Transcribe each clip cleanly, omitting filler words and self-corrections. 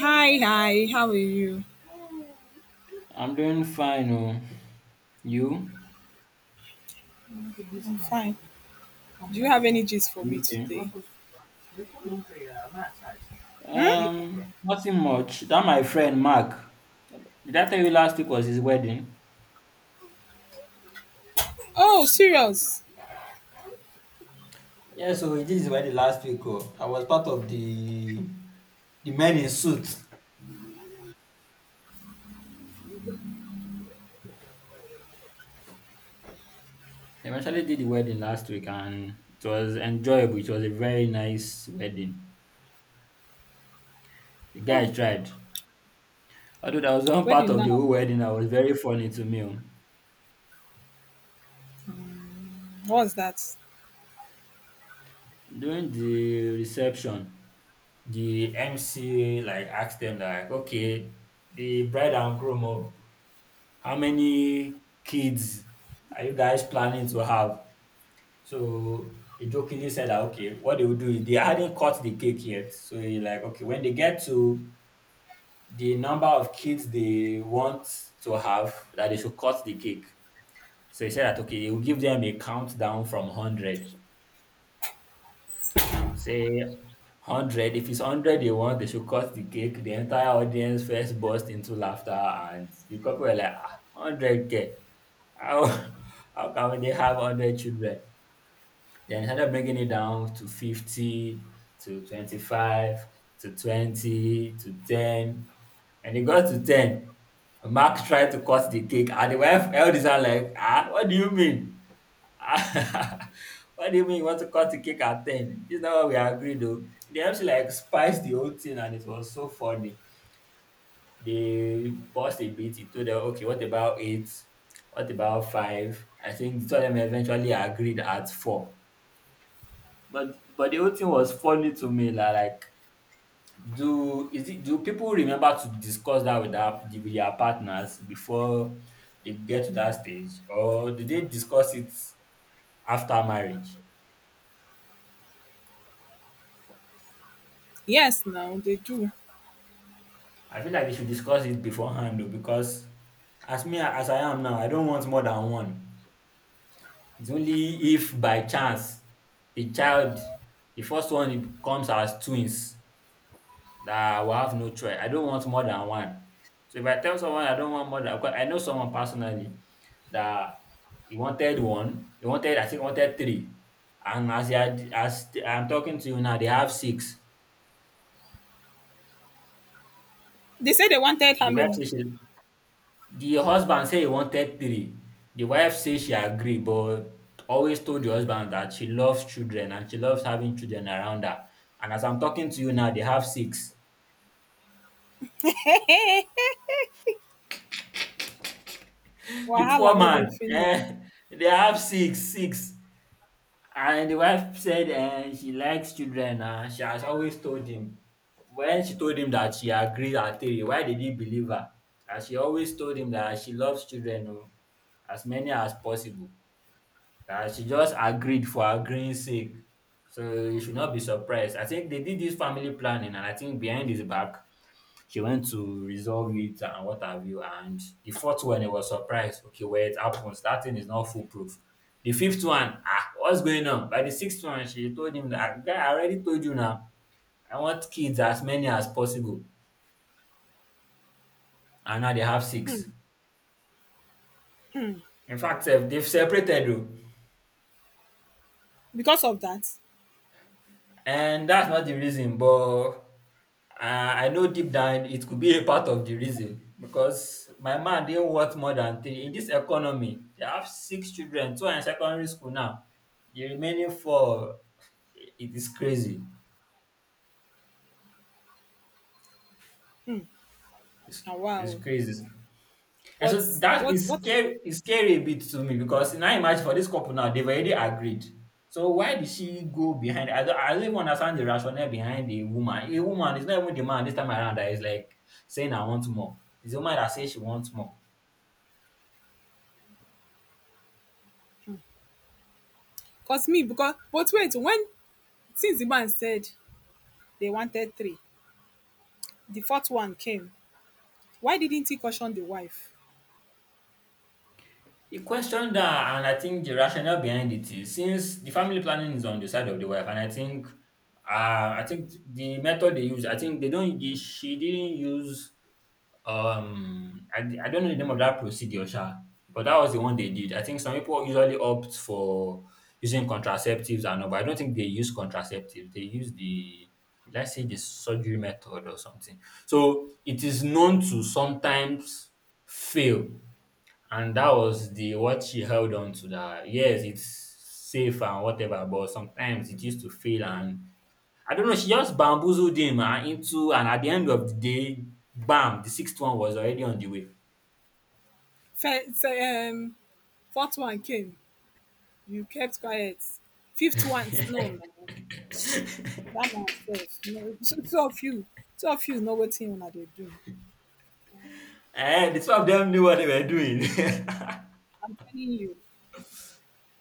Hi, hi, how are you? I'm doing fine. Oh, you? I'm fine. Do you have any gist for me Okay. today? Hmm? Nothing much. That my friend Mark. Did I tell you last week was his wedding? Oh, serious? Yeah, so he did his wedding last week. Oh. I was part of the men in suit. He actually did the wedding last week, and it was enjoyable. It was a very nice wedding. The guy tried. Although that was one Where part did of the now? whole wedding that was very funny to me. Oh. What's that? During the reception, the MC like asked them like, okay, the bride and groom, oh, how many kids are you guys planning to have? So he jokingly said that okay, what they will do is they hadn't cut the cake yet. So he like, okay, when they get to the number of kids they want to have, that they should cut the cake. So he said that okay, he will give them a countdown from hundred. Say 100. If it's 100 they want, they should cut the cake. The entire audience first burst into laughter, and the couple were like, ah, 100K. How, how can they have 100 children? Then started bringing it down to 50, to 25, to 20, to 10. And it got to 10. Mark tried to cut the cake, and the wife held his hand like, ah, what do you mean? What do you mean you want to cut the cake at 10? This is not what we agreed though. The MC like spiced the whole thing and it was so funny. They paused a bit, he told them, okay, what about eight? What about five? I think the two of them eventually agreed at four. But the whole thing was funny to me, la, like do is it do people remember to discuss that with their partners before they get to that stage? Or do they discuss it after marriage? Yes, now they do. I feel like they should discuss it beforehand though, because as I am now, I don't want more than one. It's only if by chance the child, the first one, it comes as twins, that I will have no choice. I don't want more than one. So if I tell someone I don't want more than, because I know someone personally that he wanted one, he wanted, I think, wanted three, and as he had, as I'm talking to you now, they have six. They said they wanted The how wife many? says she The husband said he wanted three. The wife said she agreed, but always told the husband that she loves children and she loves having children around her. And as I'm talking to you now, they have six. The Wahala, poor no, they man, finish. eh, they have six, six. And the wife said, eh, she likes children. She has always told him. When she told him that she agreed at three, why did he believe her? And she always told him that she loves children, oh, as many as possible, that she just agreed for agreeing sake. So you should not be surprised. I think they did this family planning, and I think behind his back, she went to resolve it and what have you. And the fourth one, it was surprised. Okay, where it happens, that thing is not foolproof. The fifth one, ah, what's going on? By the sixth one, she told him that guy, I already told you now. I want kids as many as possible. And now they have Hmm. six. Hmm. In fact, sef, they've separated though. Because of that. And that's not the reason, but I know deep down it could be a part of the reason because my man didn't worth more than three. In this economy, they have six children, two are in secondary school now. The remaining four, it is crazy. Hmm. It's, Ah, it's wow. crazy. And so But that what? is What? scary, is scary a bit to me because now imagine for this couple now, they've already agreed. So why did she go behind? I don't even understand the rationale behind the woman. A woman is not even the man this time around that is like saying I want more. It's the woman that says she wants more. Cause me because. But wait, when since the man said they wanted three, the fourth one came. Why didn't he caution the wife? He questioned that, and I think the rationale behind it is since the family planning is on the side of the wife, and I think, the method they use, I think they don't, they, she didn't use. I don't know the name of that procedure, sha, but that was the one they did. I think some people usually opt for using contraceptives and all, but I don't think they use contraceptives. They use the, let's say, the surgery method or something. So it is known to sometimes fail. And that was the what she held on to. That. Yes, it's safe and whatever, but sometimes it used to fail, and I don't know, she just bamboozled him into, and at the end of the day, bam, the sixth one was already on the way. First, fourth one came. You kept quiet. Fifth one, no, no, no. That man self. No, two of you, two of you know what thing una dey do. Ehen, the two of them knew what they were doing. I'm telling you.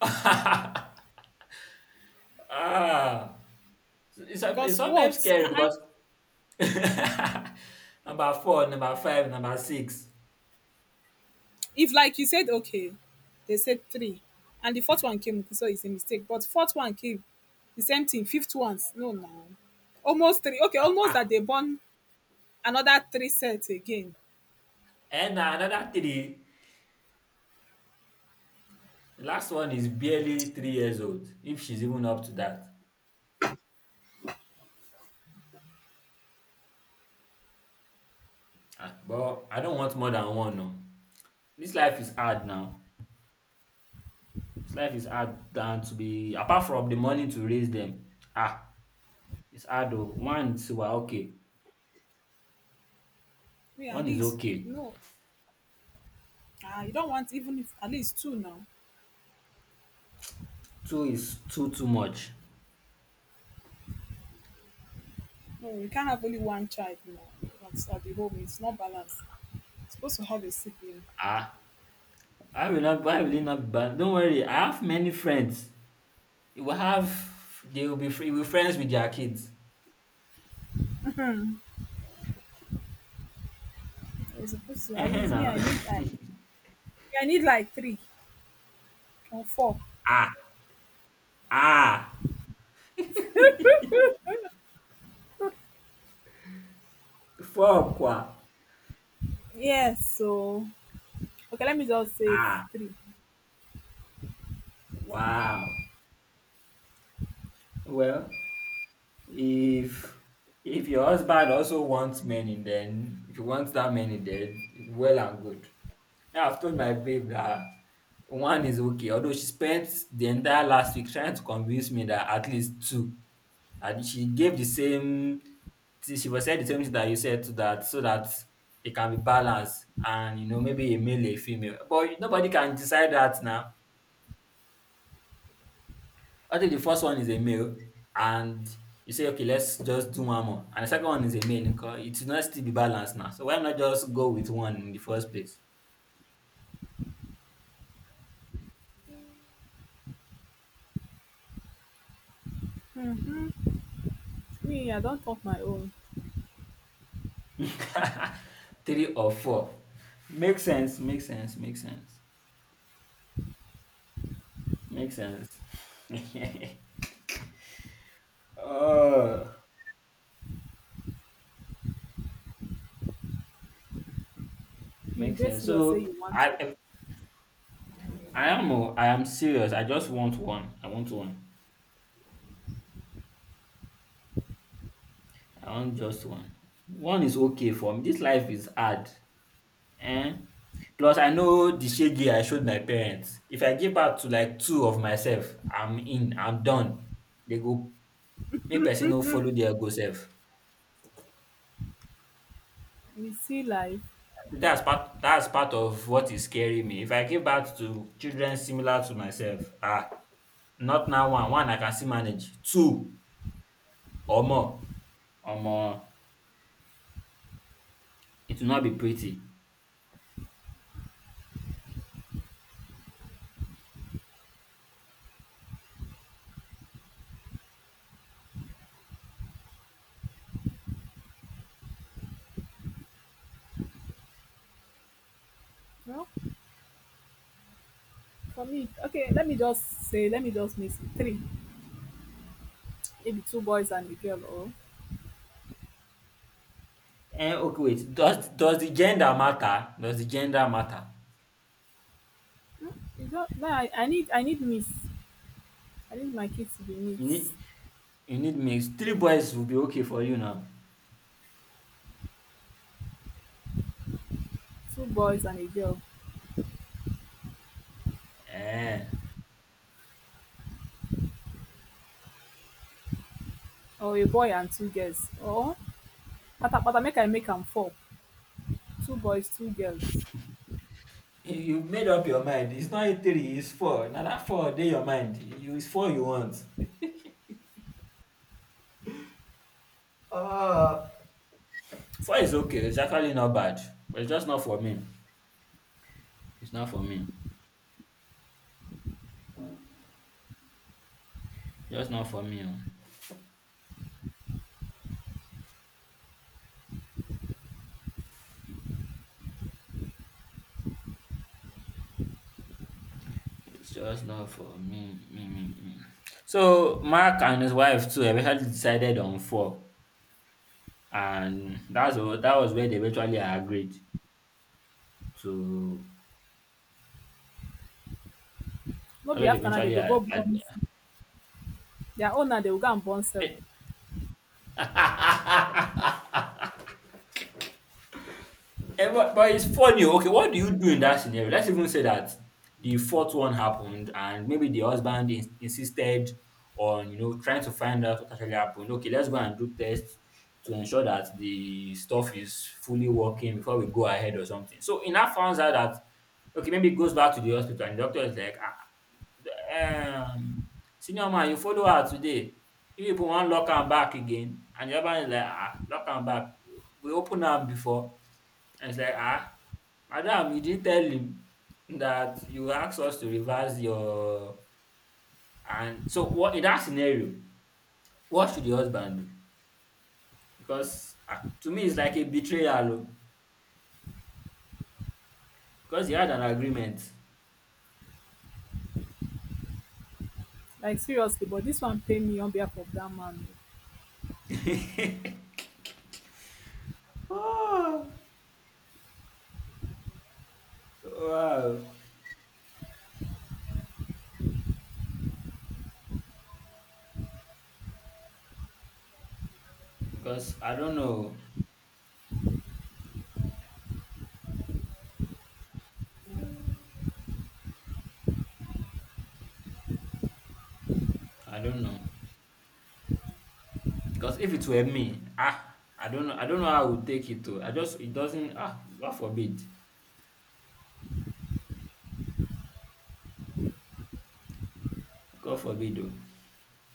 Ah, it's Because sometimes what? scary Ah-ah. because number four, number five, number six. If like you said, okay, they said three, and the fourth one came, so it's a mistake. But fourth one came, the same thing. Fifth ones, no, no. Almost three. Okay, almost that they born another three sets again. And another three. The last one is barely 3 years old if she's even up to that. Ah, but I don't want more than one. No, this life is hard now. This life is hard than to be apart from the money to raise them. Ah, it's hard though. One is, well, okay. Me, at One is least, okay. no. Ah, you don't want even if at least two now. Two is too too much. No, you can't have only one child now. That's at the home. It's not balanced. Supposed to have a sibling. Ah, I will not. I will, it not be bad. Don't worry. I have many friends. You will have. They will be. Free, will be friends with their kids. We're supposed to at Eh? least me Now. I need like three or four. Ah, ah. Fuck wa. Yes, so okay, let me just say Ah, three. wow. Well, if if your husband also wants many, then if you want that many, then well and good. Now I've told my babe that one is okay, although she spent the entire last week trying to convince me that at least two. And she gave the same thing, she was said the same thing that you said to that, so that they can be balanced, and maybe a male, a female. But nobody can decide that now. I think the first one is a male, and you say okay, let's just do one more. And the second one is a male, nko, it will not still be balanced now. So why not just go with one in the first place? Hmm. Me, I don't talk my own. Three or four. Makes sense, makes sense, makes sense, makes sense. Oh, You makes dey sense. serious say So you want I one. if- I am oh, I am serious. I just want one. I want one. I want just one. One is okay for me. This life is hard. Eh? Plus I know the shege I showed my parents. If I give back to like two of myself, I'm done. They go make person no follow their go self. You see life. That's part of what is scaring me. If I give birth to children similar to myself, ah, not now. One, one I can still manage; two or more, omo, it will not be pretty. Well, for me, okay, let me just miss three. Maybe two boys and a girl. Or Okay, wait, does the gender matter? Does the gender matter? hmm, you don't no, I need I need miss. I need my kids to be You mixed. need you need mix. Three They'll be boys will be okay for you now. two boys and a girl. um Or a boy and two girls. Or pata pata make I make them four. Two boys, two girls. you made up your mind. It's not three, it's four. Na dat four dey your mind. You It's four you want. um Four is okay. It's actually not bad, but it's just not for me. It's not for me. Just not for me. Oh. It's just not for me. Me, me, me. So Mark and his wife too eventually decided on four, and that was where they eventually agreed to. No That's be where they after now dey eventually. go go born their own now dey go go and born a- seven. Eh, but it's funny. Okay, what do you do in that scenario? Let's even say that the fourth one happened, and maybe the husband insisted on trying to find out what actually happened. Okay, let's go and do tests to ensure that the stuff is fully working before we go ahead or something. So in that, finds out that okay, maybe it goes back to the hospital, and the doctor is like, ah, um, senior man, you follow her today. If you put one lock and back again, and the other man is like, ah, lock and back. We open her before. And it's like, ah, madam, you didn't tell him that you asked us to reverse your. And so, what in that scenario, what should the husband do? Because ah, to me, it's like a betrayal, oh, because he had an agreement. Like, seriously, but this one pain me on behalf of that man. Oh, wow. Because I don't know. I don't know. Because if it were me, ah, I don't know. I don't know how I would take it. Though. I just It doesn't. Ah, God forbid. God forbid. Oh.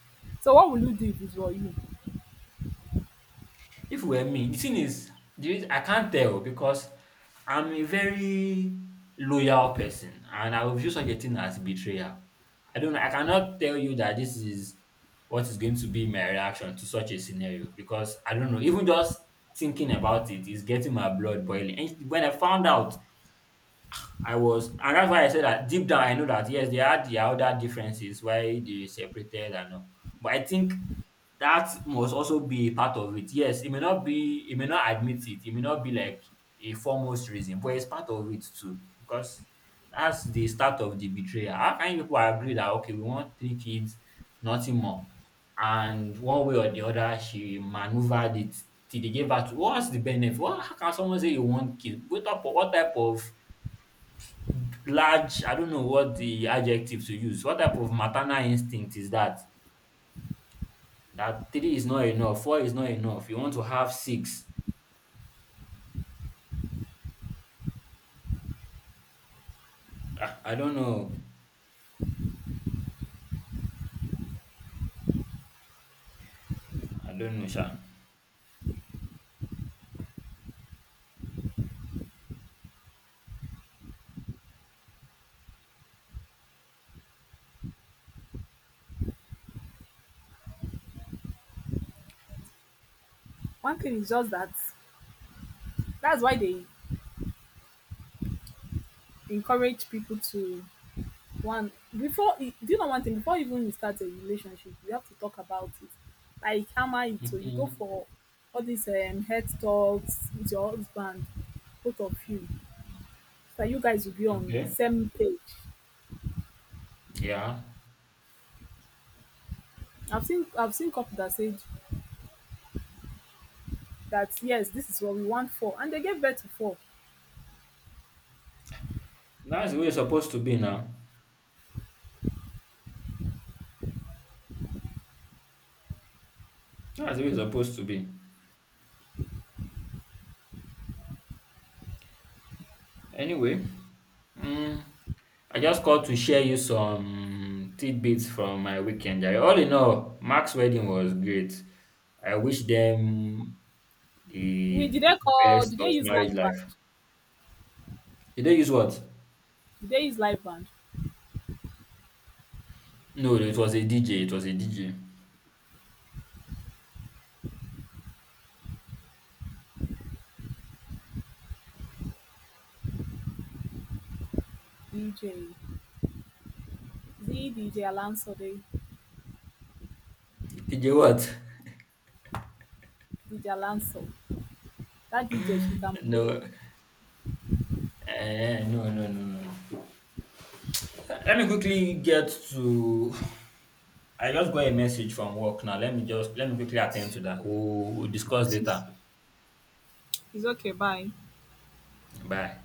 O, so what will you do if it were you? If it were me, the thing is, the reason I can't tell, because I'm a very loyal person and I will view such a thing as betrayal. I don't know, I cannot tell you that this is what is going to be my reaction to such a scenario, because I don't know, even just thinking about it is getting my blood boiling. And when I found out, I was, and that's why I said that deep down I know that yes, they had their other differences why they separated and all. But I think that must also be a part of it. Yes, it may not be, it may not admit it, it may not be like a foremost reason, but it's part of it too because that's the start of the betrayal. How can you people agree that okay, we want three kids, nothing more, and one way or the other she maneuvered it till they gave her to, what's the benefit? What, how can someone say you want kids? What type of large, I don't know what the adjective to use. What type of maternal instinct is that? That three is not enough, four is not enough. You want to have six. Ah, I don't know. I don't know, Sha. One thing is just that that's why they encourage people to one before e do. You know, one thing before even you start a relationship, you have to talk about it, like hammer it o. You go Mhm. for all this health talks with your husband, both of you, so that you guys will be on the Okay. same page. Yeah. I've seen couple that said that yes, this is what we want for, and they gave birth to four. That's the way it's supposed to be now. That's the way it's supposed to be. Anyway, mm, I just called to share you some tidbits from my weekend. All in all, Mark's wedding was great. I wish them We the did they call? best Did of they use marriage live band? life. Did they use what? Did they use live band? No, it was a DJ. It was a DJ. DJ, the DJ Alonso, the DJ what? DJ Alonso. That DJ, she can play. No. Eh, no, no, no, no. Let me quickly get to. I just got a message from work now. Let me quickly attend to that. We'll discuss later. She's okay. Bye. Bye.